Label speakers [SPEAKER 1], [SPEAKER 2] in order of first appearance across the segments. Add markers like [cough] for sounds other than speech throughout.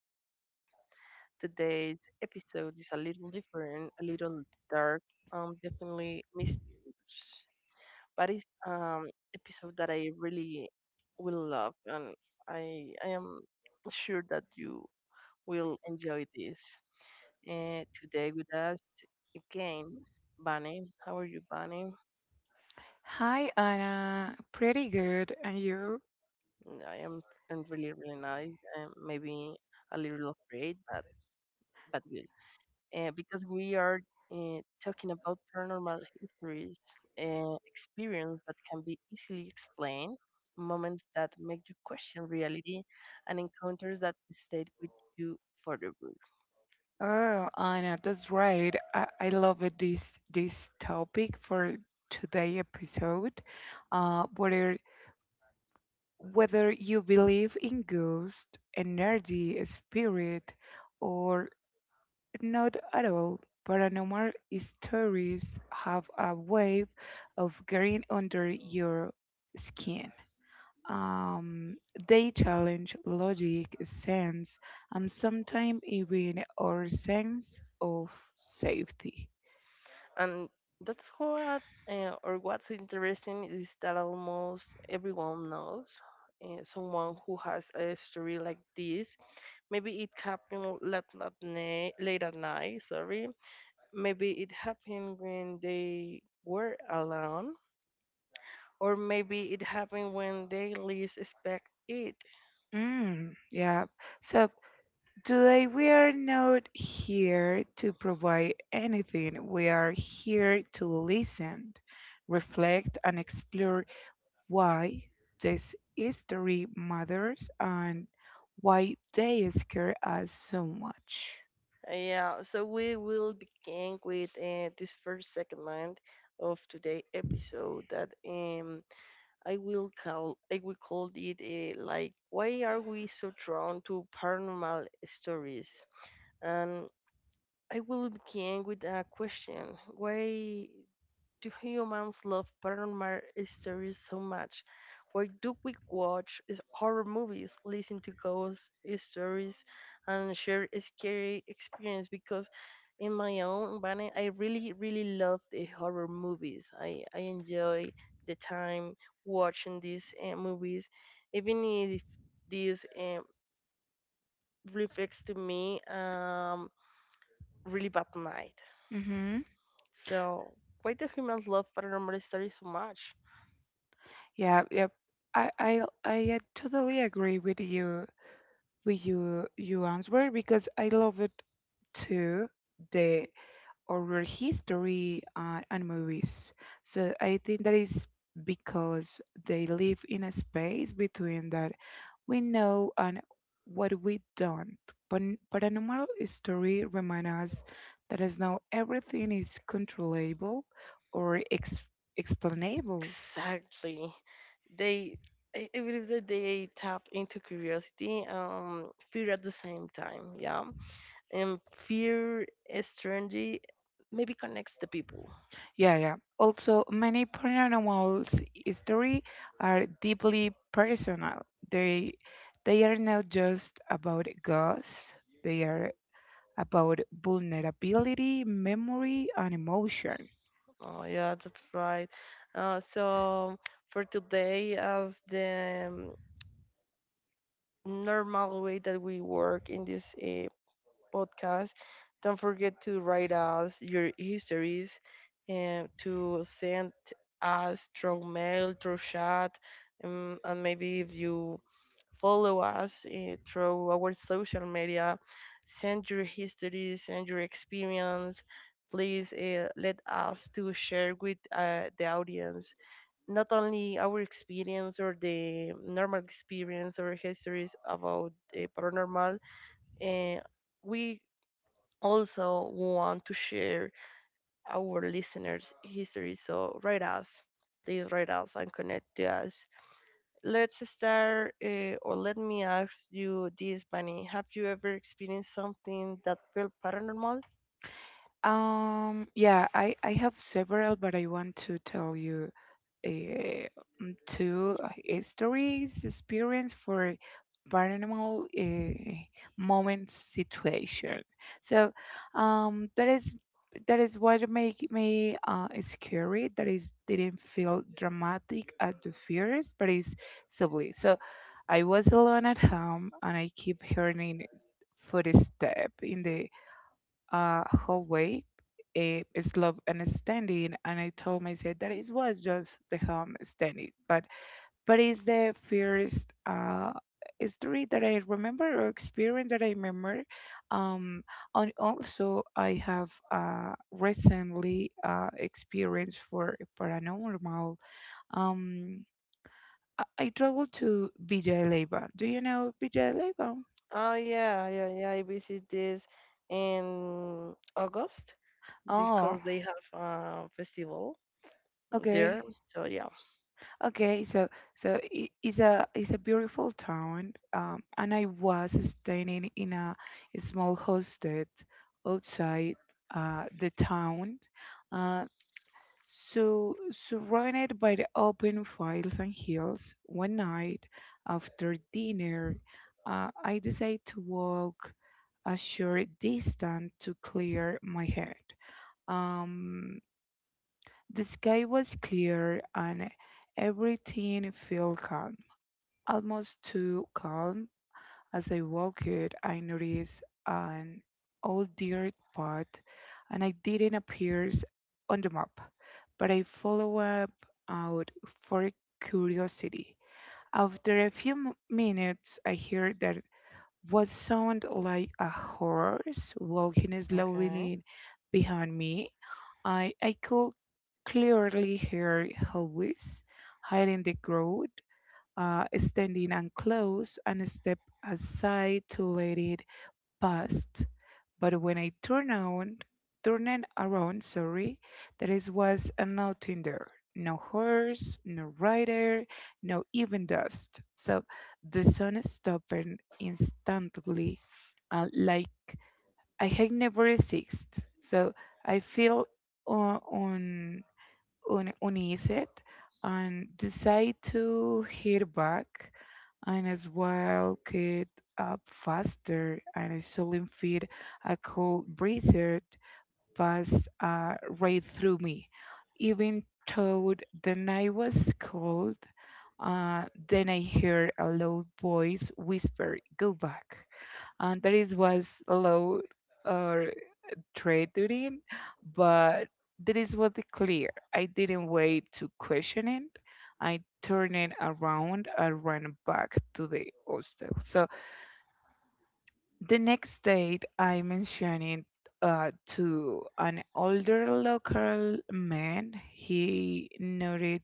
[SPEAKER 1] podcast. Today's episode is a little different, a little dark, definitely mysterious, but it's episode that I really will love, and I am sure that you will enjoy this. And today with us again, Bunny. How are you, Bunny?
[SPEAKER 2] Hi, Anna. Pretty good. And you?
[SPEAKER 1] I am I'm really really nice, and maybe a little afraid, but good. Because we are talking about paranormal histories, experience that can be easily explained, moments that make you question reality, and encounters that stay with you forever.
[SPEAKER 2] Oh, Anna, that's right. I love it, this topic for today episode. Uh, whether whether you believe in ghost, energy, spirit, or not at all, paranormal stories have a way of getting under your skin. Um, they challenge logic, sense, and sometimes even our sense of safety.
[SPEAKER 1] And that's what's interesting is that almost everyone knows someone who has a story like this. Maybe it happened late at night, maybe it happened when they were alone, or maybe it happened when they least expect it.
[SPEAKER 2] Mm, yeah. So today we are not here to provide anything. We are here to listen, reflect, and explore why this history matters and why they scare us so much.
[SPEAKER 1] Yeah, so we will begin with this first segment of today episode that I will call it like, why are we so drawn to paranormal stories? And I will begin with a question. Why do humans love paranormal stories so much? Why do we watch is horror movies, listen to ghost stories, and share a scary experience? Because in my own opinion, I really, really love the horror movies. I enjoy the time watching these movies, even if these reflects to me really bad night. So why do humans love paranormal stories so much?
[SPEAKER 2] Yeah, yeah. I totally agree with you with you answer because I love it too the horror history and movies. So I think that is because they live in a space between that we know and what we don't. But paranormal story remind us that as now everything is controllable or ex explainable.
[SPEAKER 1] Exactly. They, I believe that they tap into curiosity and fear at the same time. Yeah. And fear, strangely, maybe connects the people.
[SPEAKER 2] Yeah, yeah. Also, many paranormal stories are deeply personal. They they are not just about ghosts. They are about vulnerability, memory, and emotion.
[SPEAKER 1] Oh, yeah, that's right. So for today, as the normal way that we work in this podcast. Don't forget to write us your histories and to send us through mail, through chat, and maybe if you follow us through our social media, send your histories, send your experience. Please let us to share with the audience not only our experience or the normal experience or histories about the paranormal. Uh, we also want to share our listeners' history. So write us, please write us and connect to us. Let's start, or let me ask you this, Bunny. Have you ever experienced something that felt paranormal?
[SPEAKER 2] Yeah, I have several, but I want to tell you to stories, experience for paranormal moment situation. So um, that is that is what make me scary. That is didn't feel dramatic at the first, but it's subtly. So I was alone at home, and I keep hearing footstep in the hallway, a slope and standing, and I told myself that it was just the home standing, but it's the first story that I remember or experience that I remember. Um, and also I have recently experience for a paranormal. Um, I traveled to Villa Leiva. Do you know Villa Leiva?
[SPEAKER 1] Oh yeah, yeah, yeah. I visit this in August
[SPEAKER 2] Oh,
[SPEAKER 1] because they have a festival
[SPEAKER 2] okay.
[SPEAKER 1] there. So yeah.
[SPEAKER 2] Okay, so it's a beautiful town, and I was staying in a small hostel outside the town, uh, so surrounded by the open fields and hills. One night after dinner, I decided to walk a short distance to clear my head. Um, the sky was clear and everything felt calm almost too calm. As I walked, I noticed an old dirt path, and it didn't appear on the map. But I followed up out for curiosity. After a few minutes, I heard that what sounded like a horse walking
[SPEAKER 1] Okay.
[SPEAKER 2] slowly behind me. I could clearly hear Hovis hiding the crowd standing and close, and step aside to let it past. But when I turned on, turned around, sorry, there is was nothing there. No horse, no rider, no even dust. So the sun stopped instantly, like I had never existed. So I feel uh, un, uneasy and decide to head back and as well get up faster and a sudden fit a cold blizzard passed right through me. Even though the night was cold, then I heard a low voice whisper, "Go back," and that is was low. Or trade duty, but that is what the clear. I didn't wait to question it. I turned it around and ran back to the hostel. So the next day, I mentioned it to an older local man. He nodded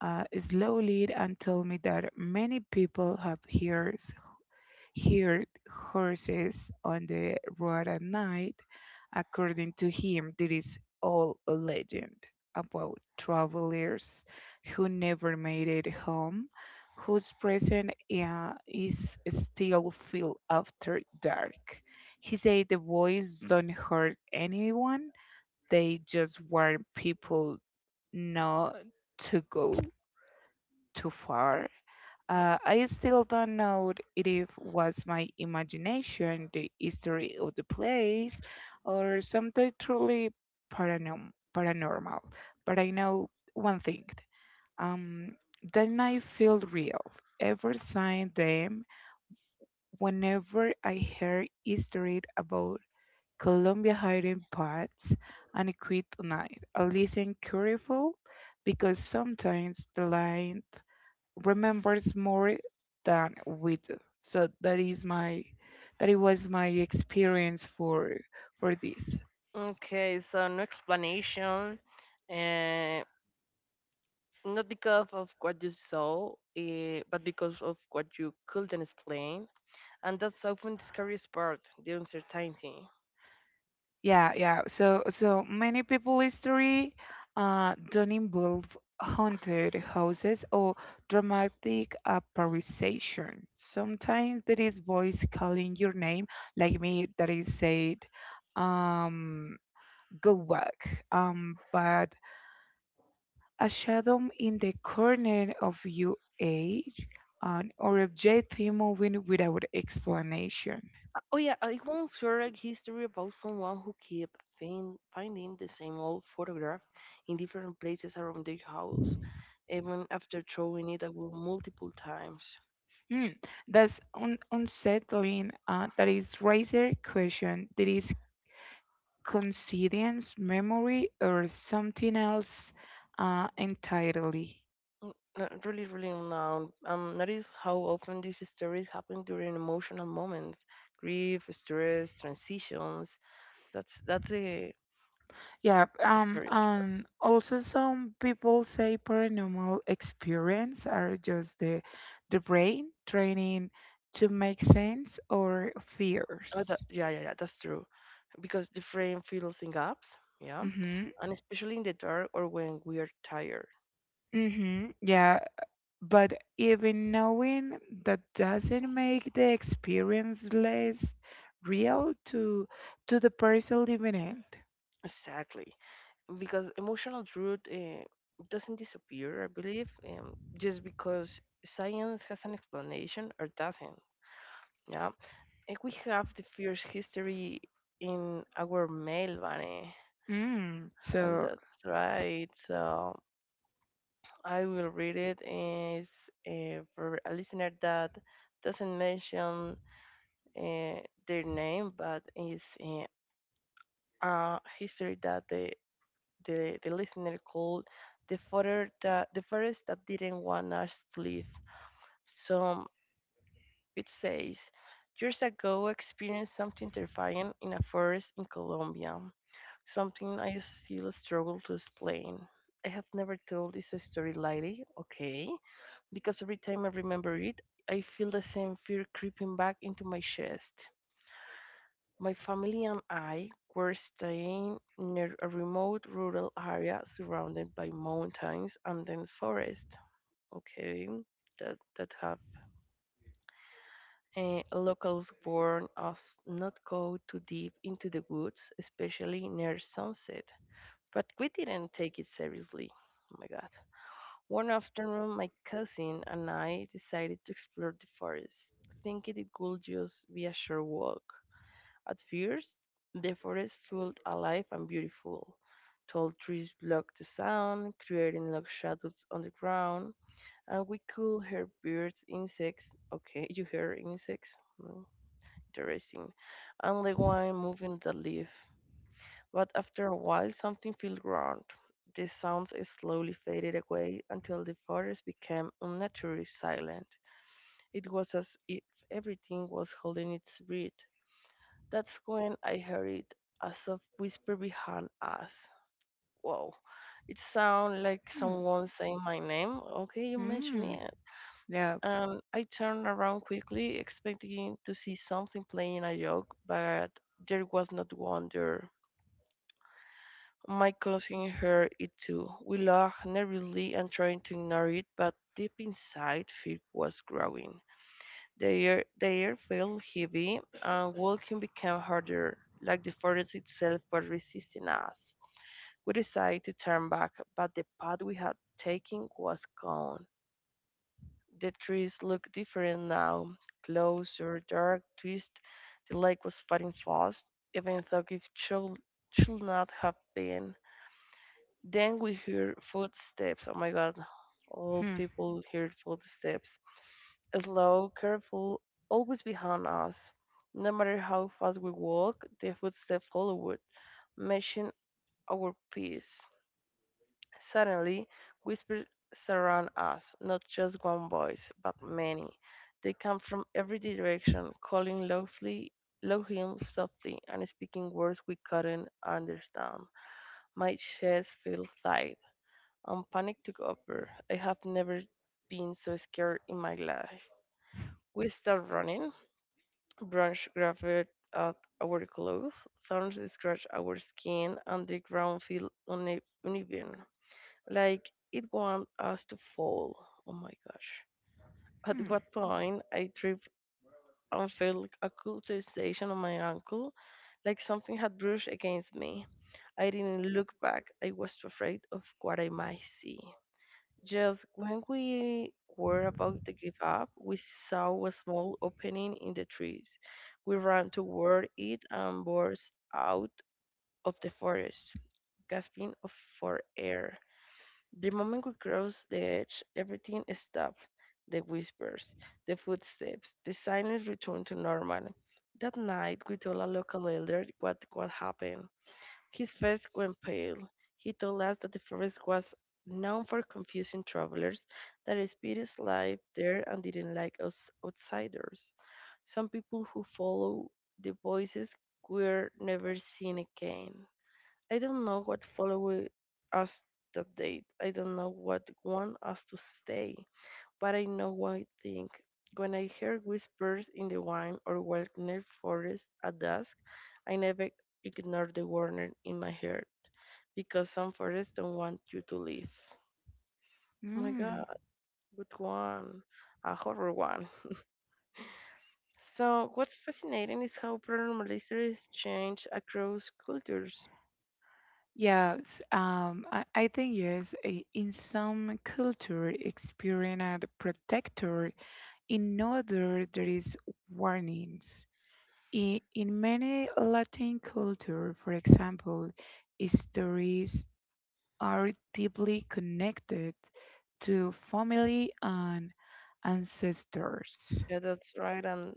[SPEAKER 2] uh, slowly and told me that many people have ears heard horses on the road at night. According to him, there is all a legend about travelers who never made it home, whose presence is still felt after dark. He said the boys don't hurt anyone, they just warn people not to go too far I still don't know it if was my imagination, the history of the place, or something truly paranormal. But I know one thing. Um, that night felt real. Ever since then, whenever I heard history about Colombia hiding pots and a night, I listen careful because sometimes the line remembers more than we do. So that is my that it was my experience for this.
[SPEAKER 1] Okay, so no explanation, uh, not because of what you saw, but because of what you couldn't explain, and that's often the scariest part, the uncertainty.
[SPEAKER 2] Yeah, yeah. So so many people history don't involve haunted houses or dramatic apparition. Sometimes there is voice calling your name, like me that is said um go back but a shadow in the corner of your age, an or object moving without explanation.
[SPEAKER 1] Oh yeah, I once heard a history about someone who kept finding the same old photograph in different places around their house, even after throwing it away multiple times.
[SPEAKER 2] Hmm, that's unsettling. That is razor question. That is coincidence, memory, or something else entirely.
[SPEAKER 1] Mm, Really, really now. Notice how often these stories happen during emotional moments, grief, stress, transitions. That's the
[SPEAKER 2] Yeah,
[SPEAKER 1] scariest part.
[SPEAKER 2] and also some people say paranormal experience are just the brain training to make sense or
[SPEAKER 1] Oh, that,
[SPEAKER 2] fears.
[SPEAKER 1] yeah, yeah, yeah, that's true. Because the frame fills in gaps, yeah,
[SPEAKER 2] Mhm.
[SPEAKER 1] and especially in the dark or when we are tired.
[SPEAKER 2] Mhm. Yeah, but even knowing that doesn't make the experience less real to the person living it.
[SPEAKER 1] Exactly, because emotional truth doesn't disappear, I believe, just because science has an explanation or doesn't. Yeah, and we have the first history in our mail, Vane.
[SPEAKER 2] Mm.
[SPEAKER 1] And
[SPEAKER 2] So.
[SPEAKER 1] that's right. So I will read it is for a listener that doesn't mention uh, their name, but is a history that the listener called the father that the forest that didn't want us to live. So it says, years ago, I experienced something terrifying in a forest in Colombia. Something I still struggle to explain. I have never told this story lightly, okay? Because every time I remember it, I feel the same fear creeping back into my chest. My family and I were staying near a remote rural area surrounded by mountains and dense forest. Okay, that have locals warn us not go too deep into the woods, especially near sunset. But we didn't take it seriously. Oh my god. One afternoon, my cousin and I decided to explore the forest, thinking it would just be a short walk. At first, the forest felt alive and beautiful. Tall trees blocked the sound, creating long shadows on the ground, and we could hear birds, insects. Okay, [laughs] you hear insects? Hmm, interesting. And the wind moving the leaf. But after a while, something felt wrong. The sounds slowly faded away until the forest became unnaturally silent. It was as if everything was holding its breath. That's when I heard a soft whisper behind us. Whoa, it sounded like
[SPEAKER 2] Hmm.
[SPEAKER 1] someone saying my name. Okay, you mentioned
[SPEAKER 2] Mm.
[SPEAKER 1] it.
[SPEAKER 2] Yeah.
[SPEAKER 1] And I turned around quickly, expecting to see something playing a joke, but there was not one there. My cousin heard it too. We laughed nervously and trying to ignore it, but deep inside, fear was growing. The air felt heavy, and walking became harder, like the forest itself was resisting us. We decided to turn back, but the path we had taken was gone. The trees looked different now, closer, dark, twist. The lake was fighting fast, even though it should not have been. Then we hear footsteps. Oh my god, all
[SPEAKER 2] Hmm.
[SPEAKER 1] people hear footsteps. Slow, careful, always behind us. No matter how fast we walk, the footsteps follow us, matching our pace. Suddenly, whispers surround us, not just one voice, but many. They come from every direction, calling loudly, softly, and speaking words we couldn't understand. My chest feels tight and panic took over. I have never been so scared in my life. We started running. Branch grabbed at our clothes. Thorns scratched our skin, and the ground felt uneven, like it wanted us to fall. Oh my gosh.
[SPEAKER 2] Hmm.
[SPEAKER 1] At what point, I tripped and felt a cool sensation on my ankle, like something had brushed against me. I didn't look back. I was too afraid of what I might see. Just when we were about to give up, we saw a small opening in the trees. We ran toward it and burst out of the forest, gasping for air. The moment we crossed the edge, everything stopped. The whispers, the footsteps, the silence returned to normal. That night, we told a local elder what happened. His face went pale. He told us that the forest was known for confusing travelers, that spirits lived there and didn't like us outsiders. Some people who follow the voices were never seen again. I don't know what followed us that day. I don't know what want us to stay. But I know one thing. When I hear whispers in the wine or wilderness forest at dusk, I never ignore the warning in my heart because some forests don't want you to leave. Oh my god,
[SPEAKER 2] Mm.
[SPEAKER 1] good one. A horror one. So, what's fascinating is how paranormal histories change across cultures.
[SPEAKER 2] Yes, I think yes, in some culture, experience are the protector. In no other, there is warnings. In many Latin cultures, for example, stories are deeply connected to family and ancestors.
[SPEAKER 1] Yeah, that's right, and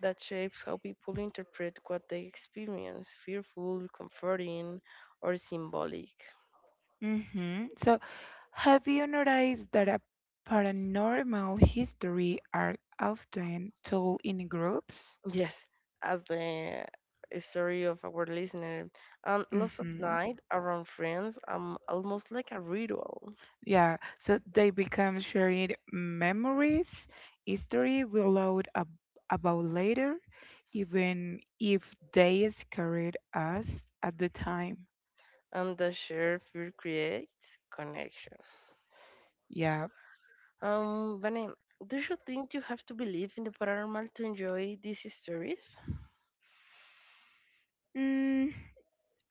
[SPEAKER 1] that shapes how people interpret what they experience fearful, comforting, or symbolic.
[SPEAKER 2] Hmm. So, have you noticed that a paranormal history are often told in groups?
[SPEAKER 1] Yes, as the story of our listener. And last at
[SPEAKER 2] Hmm.
[SPEAKER 1] night, around friends, almost like a ritual.
[SPEAKER 2] Yeah, so they become shared memories, history we load ab about later, even if they scared us at the time.
[SPEAKER 1] And the shared fear creates connection.
[SPEAKER 2] Yeah.
[SPEAKER 1] Vanem, do you think you have to believe in the paranormal to enjoy these stories?
[SPEAKER 2] Mm,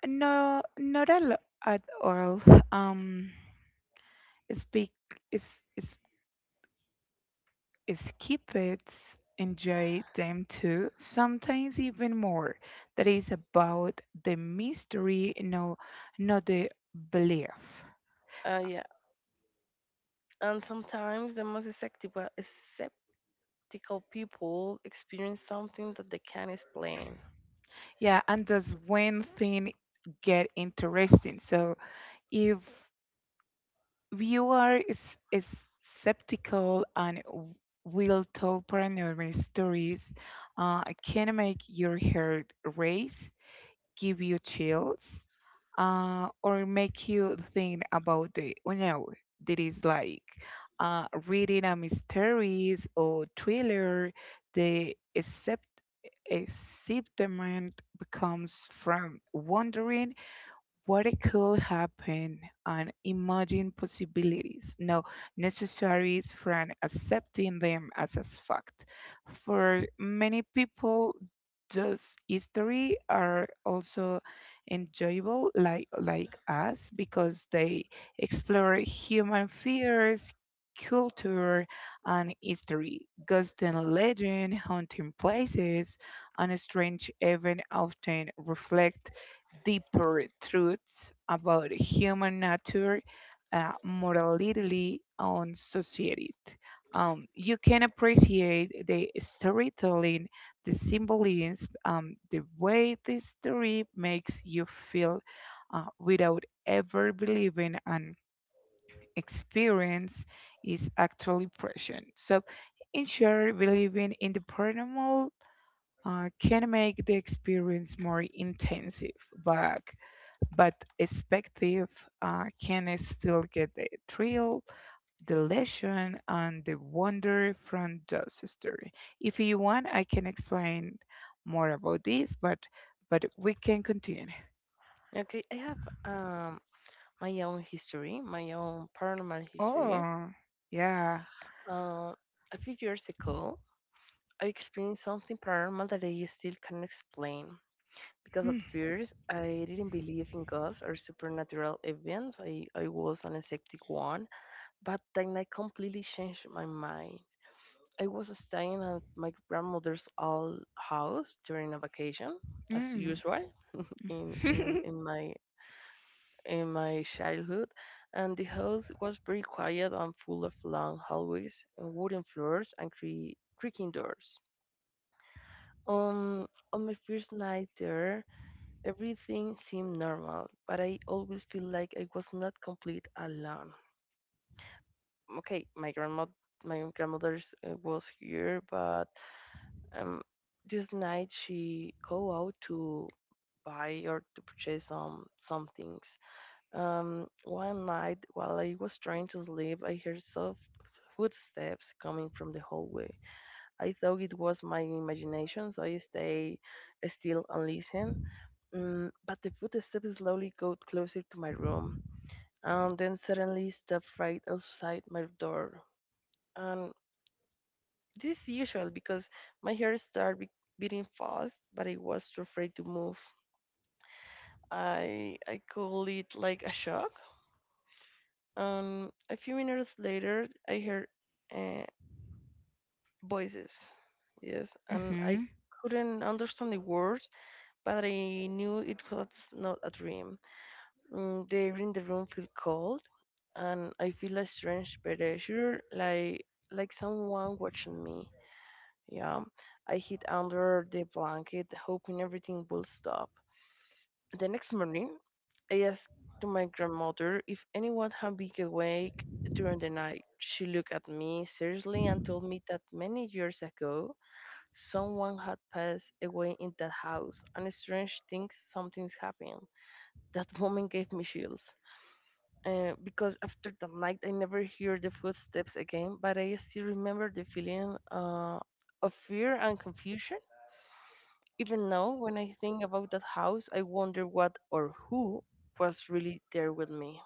[SPEAKER 2] no, not a lot at all. Um, Speak is is is keep it, enjoy them too. Sometimes even more. That is about the mystery, no, not the belief.
[SPEAKER 1] Yeah. And sometimes the most skeptical people experience something that they can't explain.
[SPEAKER 2] Yeah, and does one thing get interesting? So if is skeptical and will tell paranormal stories, can make your heart race give you chills or make you think about the you know that is like reading a mysteries or thriller the accept excitement becomes from wondering what it could happen and imagine possibilities, no necessaries from accepting them as a fact. For many people, those history are also enjoyable, like us, because they explore human fears, culture, and history, ghosts and legend, haunting places, and strange events often reflect deeper truths about human nature, morality, and society. You can appreciate the storytelling, the symbolism, the way the story makes you feel without ever believing an experience is actually present. So, in short, believing in the paranormal can make the experience more intensive, but but expective can still get the thrill, the lesson, and the wonder from the story. If you want, I can explain more about this, but we can continue.
[SPEAKER 1] Okay, I have um my own history, my own paranormal history.
[SPEAKER 2] Oh, yeah.
[SPEAKER 1] Uh, a few years ago, I experienced something paranormal that I still can't explain. Because
[SPEAKER 2] Hmm.
[SPEAKER 1] at first, I didn't believe in ghosts or supernatural events. I was an skeptic one. But then I completely changed my mind. I was staying at my grandmother's old house during a vacation, as
[SPEAKER 2] Mm. [laughs]
[SPEAKER 1] usual, in, in,
[SPEAKER 2] Hmm.
[SPEAKER 1] in my in my childhood, and the house was very quiet and full of long hallways, and wooden floors, and creaking doors. On my first night there, everything seemed normal, but I always feel like I was not complete alone. Okay, my grandmother's was here, but um, this night she go out to buy or to purchase some things. One night, while I was trying to sleep, I heard soft footsteps coming from the hallway. I thought it was my imagination, so I stay still and listen. But the footsteps slowly got closer to my room, and then suddenly stopped right outside my door. And this is usual because my heart started beating fast, but I was too afraid to move. I call it like a shock. A few minutes later, I heard uh, voices. Yes, and I
[SPEAKER 2] Mm-hmm.
[SPEAKER 1] couldn't understand the words, but I knew it was not a dream. The air in the room felt cold, and I feel a strange pressure, like someone watching me. Yeah, I hid under the blanket, hoping everything will stop. The next morning, I asked to my grandmother if anyone had been awake during the night. She looked at me seriously and told me that many years ago, someone had passed away in that house, and strange things something's happened. That moment gave me chills. Because after that night, I never hear the footsteps again, but I still remember the feeling of fear and confusion even now, when I think about that house, I wonder what or who was really there with me.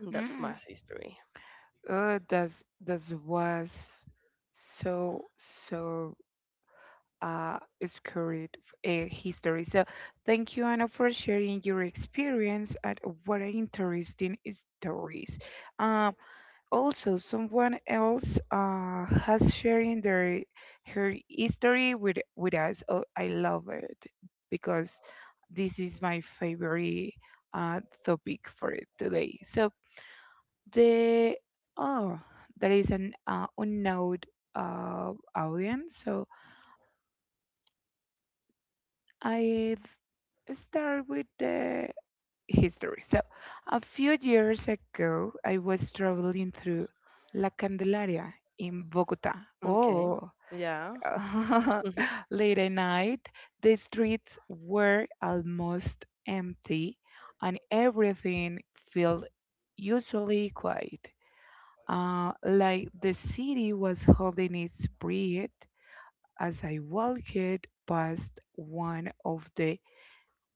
[SPEAKER 1] And that's my
[SPEAKER 2] Mm.
[SPEAKER 1] history.
[SPEAKER 2] Oh, that's that was so so uh, storied history. So thank you, Anna, for sharing your experience and what an interesting stories. Um, Also, someone else has sharing their her history with us. Oh, I love it because this is my favorite uh, topic for it today. So the oh, there is an unknown audience. So I start with the history. So, a few years ago, I was traveling through La Candelaria in Bogota.
[SPEAKER 1] Okay.
[SPEAKER 2] Oh,
[SPEAKER 1] Yeah. Mhm.
[SPEAKER 2] [laughs] late at night, the streets were almost empty and everything felt usually quiet. Like the city was holding its breath as I walked past one of the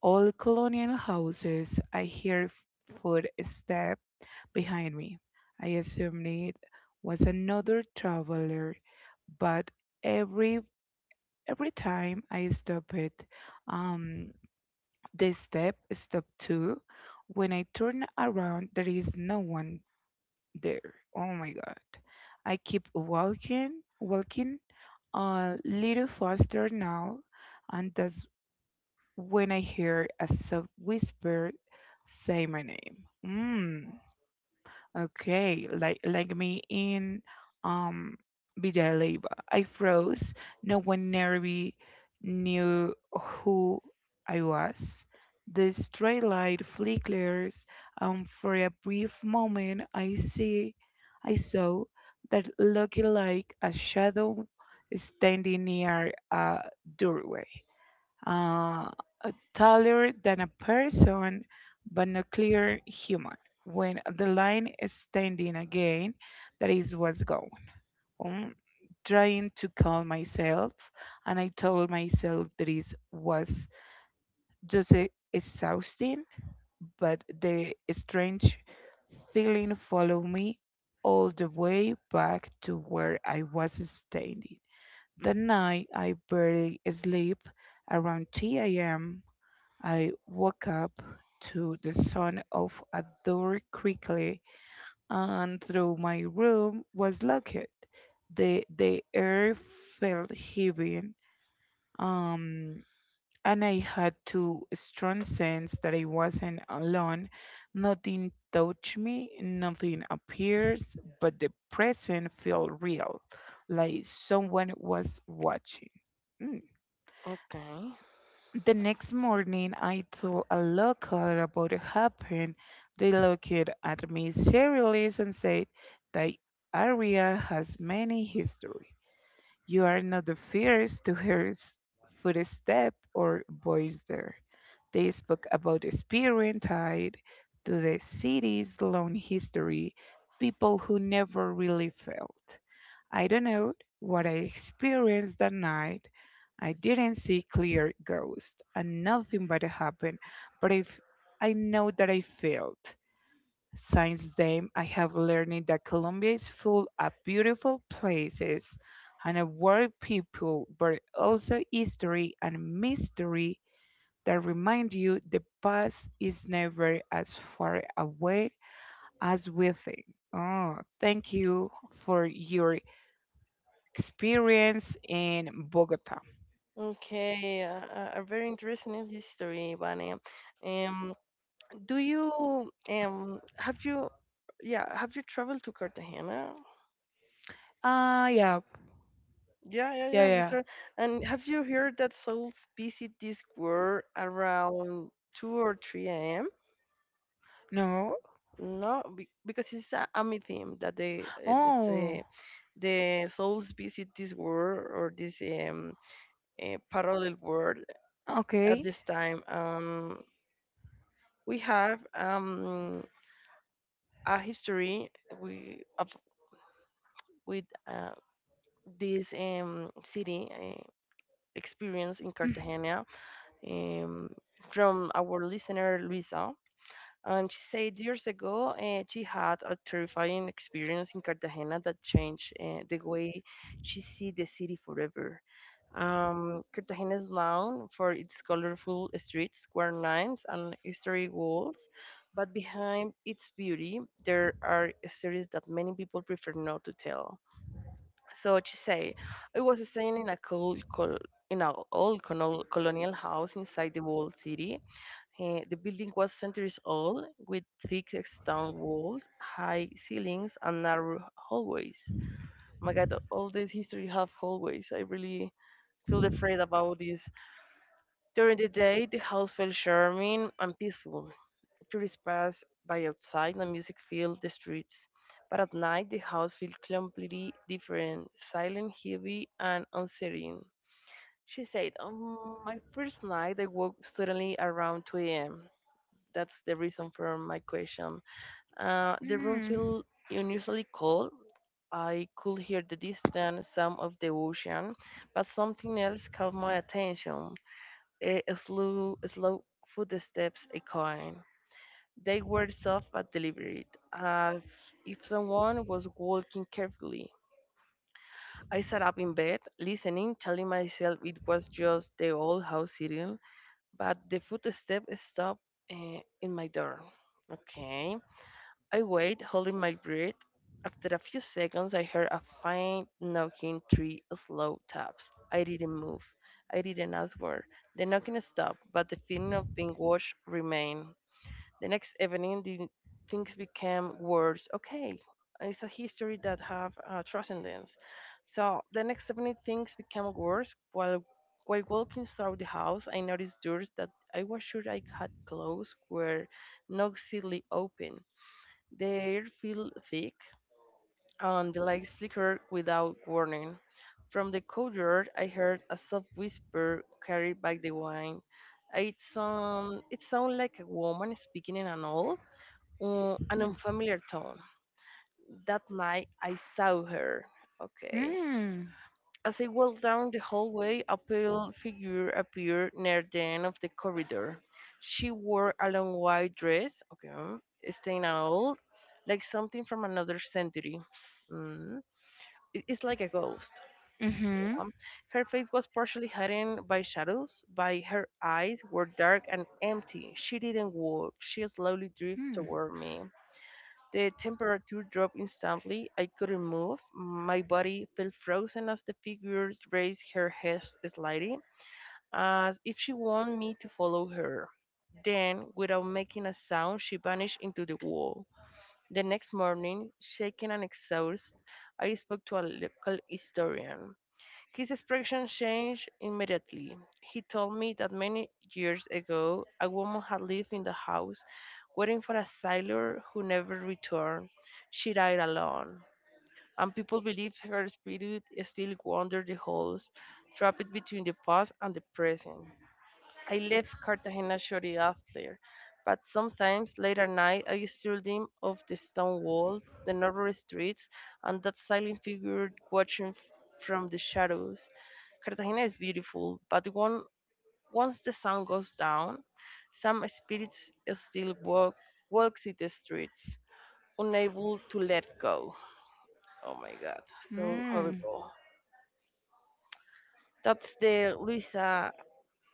[SPEAKER 2] old colonial houses. I hear footsteps behind me. I assumed it was another traveler, but every every time I stop it, um, the step stop too. When I turn around, there is no one there. Oh my God! I keep walking, walking a little faster now, and that's when I hear a soft whisper say my name. Mm, okay, like me in um Villalba. I froze. No one near knew who I was. The stray light flickers, and for a brief moment, I saw that looking like a shadow standing near a doorway uh, taller than a person, but not clear human. When the line is standing again, that is what's going on. Trying to calm myself, and I told myself that it was just exhausting, but the strange feeling followed me all the way back to where I was standing. That night, I barely sleep around 3 a.m. I woke up to the sound of a door quickly, and though my room was locked, the air felt heavy, um, and I had to strong sense that I wasn't alone. Nothing touched me, nothing appears, but the present felt real, like someone was watching.
[SPEAKER 1] Okay.
[SPEAKER 2] The next morning, I told a local about what happened. They looked at me seriously and said, the area has many history. You are not the first to hear footstep or voice there. They spoke about experience tied to the city's long history, people who never really felt. I don't know what I experienced that night. I didn't see clear ghost and nothing bad happened, but if I know that I failed. Since then, I have learned that Colombia is full of beautiful places and of world people, but also history and mystery that remind you the past is never as far away as we think. Oh, thank you for your experience in Bogota?
[SPEAKER 1] Okay. A very interesting history, Vania. Um, do you have you yeah have you traveled to Cartagena?
[SPEAKER 2] Ah, yeah,
[SPEAKER 1] Yeah, yeah, yeah.
[SPEAKER 2] yeah,
[SPEAKER 1] Have you
[SPEAKER 2] yeah.
[SPEAKER 1] traveled? And have you heard that souls visit this world around two or three a.m.?
[SPEAKER 2] No.
[SPEAKER 1] No, because it's a mythium that the that
[SPEAKER 2] Oh,
[SPEAKER 1] the souls visit this world or this parallel world at
[SPEAKER 2] okay.
[SPEAKER 1] this time. We have a history we of with this city experience in
[SPEAKER 2] Mm.
[SPEAKER 1] Cartagena um from our listener Luisa. And she said years ago, she had a terrifying experience in Cartagena that changed the way she see the city forever. Cartagena is known for its colorful streets, square names, and historic walls, but behind its beauty, there are stories that many people prefer not to tell. So she say, I was staying in a cold, col in an old colonial house inside the walled city. The building was centuries old, with thick stone walls, high ceilings, and narrow hallways. Oh my God, all this history have hallways. I really feel afraid about this. During the day, the house felt charming and peaceful. Tourists passed by outside, and music filled the streets. But at night, the house felt completely different, silent, heavy, and unsettling. She said, on my first night, I woke suddenly around 2 a.m. That's the reason for my question. The room
[SPEAKER 2] Mm.
[SPEAKER 1] felt unusually cold. I could hear the distant sound of the ocean, but something else caught my attention. A slow footsteps echoing. They were soft but deliberate, as if someone was walking carefully. I sat up in bed, listening, telling myself it was just the old house sitting, but the footstep stopped in my door. Okay. I wait, holding my breath. After a few seconds, I heard a faint knocking, three slow taps. I didn't move. I didn't ask where. The knocking stopped, but the feeling of being watched remained. The next evening, the things became worse. Okay, it's a history that have transcendence. So the next evening, things became worse. While walking through the house, I noticed doors that I was sure I had closed were noisily open. The air felt thick, and the lights flickered without warning. From the courtyard, I heard a soft whisper carried by the wind. It sounded like a woman speaking in an an
[SPEAKER 2] Mm.
[SPEAKER 1] unfamiliar tone. That night, I saw her. Okay.
[SPEAKER 2] Mm.
[SPEAKER 1] As I walked down the hallway, a pale figure appeared near the end of the corridor. She wore a long white dress, okay, staying out, like something from another century. Mm, it's like a ghost.
[SPEAKER 2] Mhm.
[SPEAKER 1] Um, Her face was partially hidden by shadows, but her eyes were dark and empty. She didn't walk. She slowly drifted
[SPEAKER 2] Mm.
[SPEAKER 1] toward me. The temperature dropped instantly. I couldn't move. My body felt frozen as the figure raised her head slightly, as if she wanted me to follow her. Then, without making a sound, she vanished into the wall. The next morning, shaken and exhausted, I spoke to a local historian. His expression changed immediately. He told me that many years ago a woman had lived in the house waiting for a sailor who never returned. She died alone, and people believe her spirit still wanders the halls, trapped between the past and the present. I left Cartagena shortly after, but sometimes late at night I still dream of the stone walls, the narrow streets, and that silent figure watching from the shadows. Cartagena is beautiful, but once the sun goes down, some spirits still walks in the streets, unable to let go. Oh my God, so
[SPEAKER 2] Mm.
[SPEAKER 1] horrible. That's the Luisa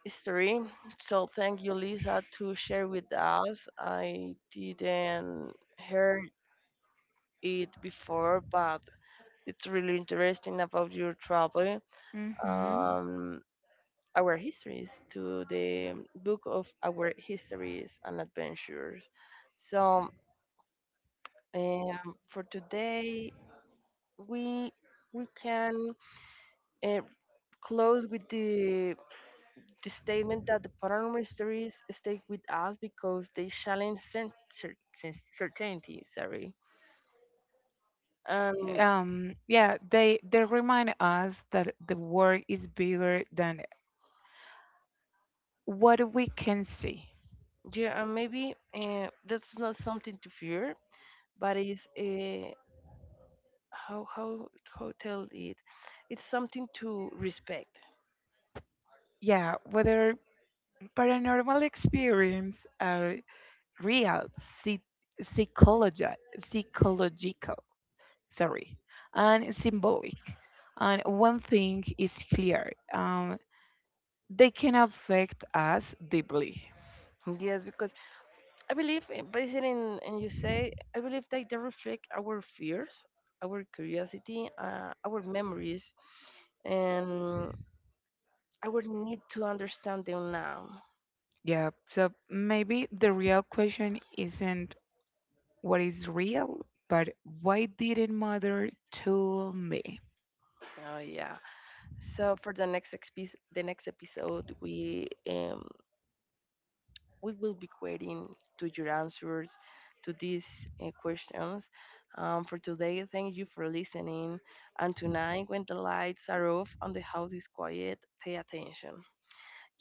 [SPEAKER 1] history. So thank you, Lisa, to share with us. I didn't hear it before, but it's really interesting about your travel.
[SPEAKER 2] Mhm.
[SPEAKER 1] Um, our histories to the book of our histories and adventures. So for today, we we can uh, close with the statement that the paranormal mysteries stay with us because they challenge certainty, sorry. And
[SPEAKER 2] Yeah, they remind us that the world is bigger than what we can see.
[SPEAKER 1] yeah, and maybe that's not something to fear, but it's how how how tell it. It's something to respect.
[SPEAKER 2] Yeah, whether paranormal experiences are real, psy- psychological, sorry, and symbolic. And one thing is clear: they can affect us deeply.
[SPEAKER 1] Yes, because I believe, based in and you say, I believe that they reflect our fears, our curiosity, our memories, and our need to understand them now.
[SPEAKER 2] Yeah. So maybe the real question isn't what is real, but why did it matter to me?
[SPEAKER 1] Oh yeah. So for the the next episode, we will be waiting to your answers to these questions. For today, thank you for listening. And tonight, when the lights are off and the house is quiet, pay attention.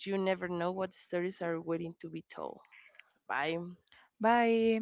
[SPEAKER 1] You never know what stories are waiting to be told. Bye.
[SPEAKER 2] Bye.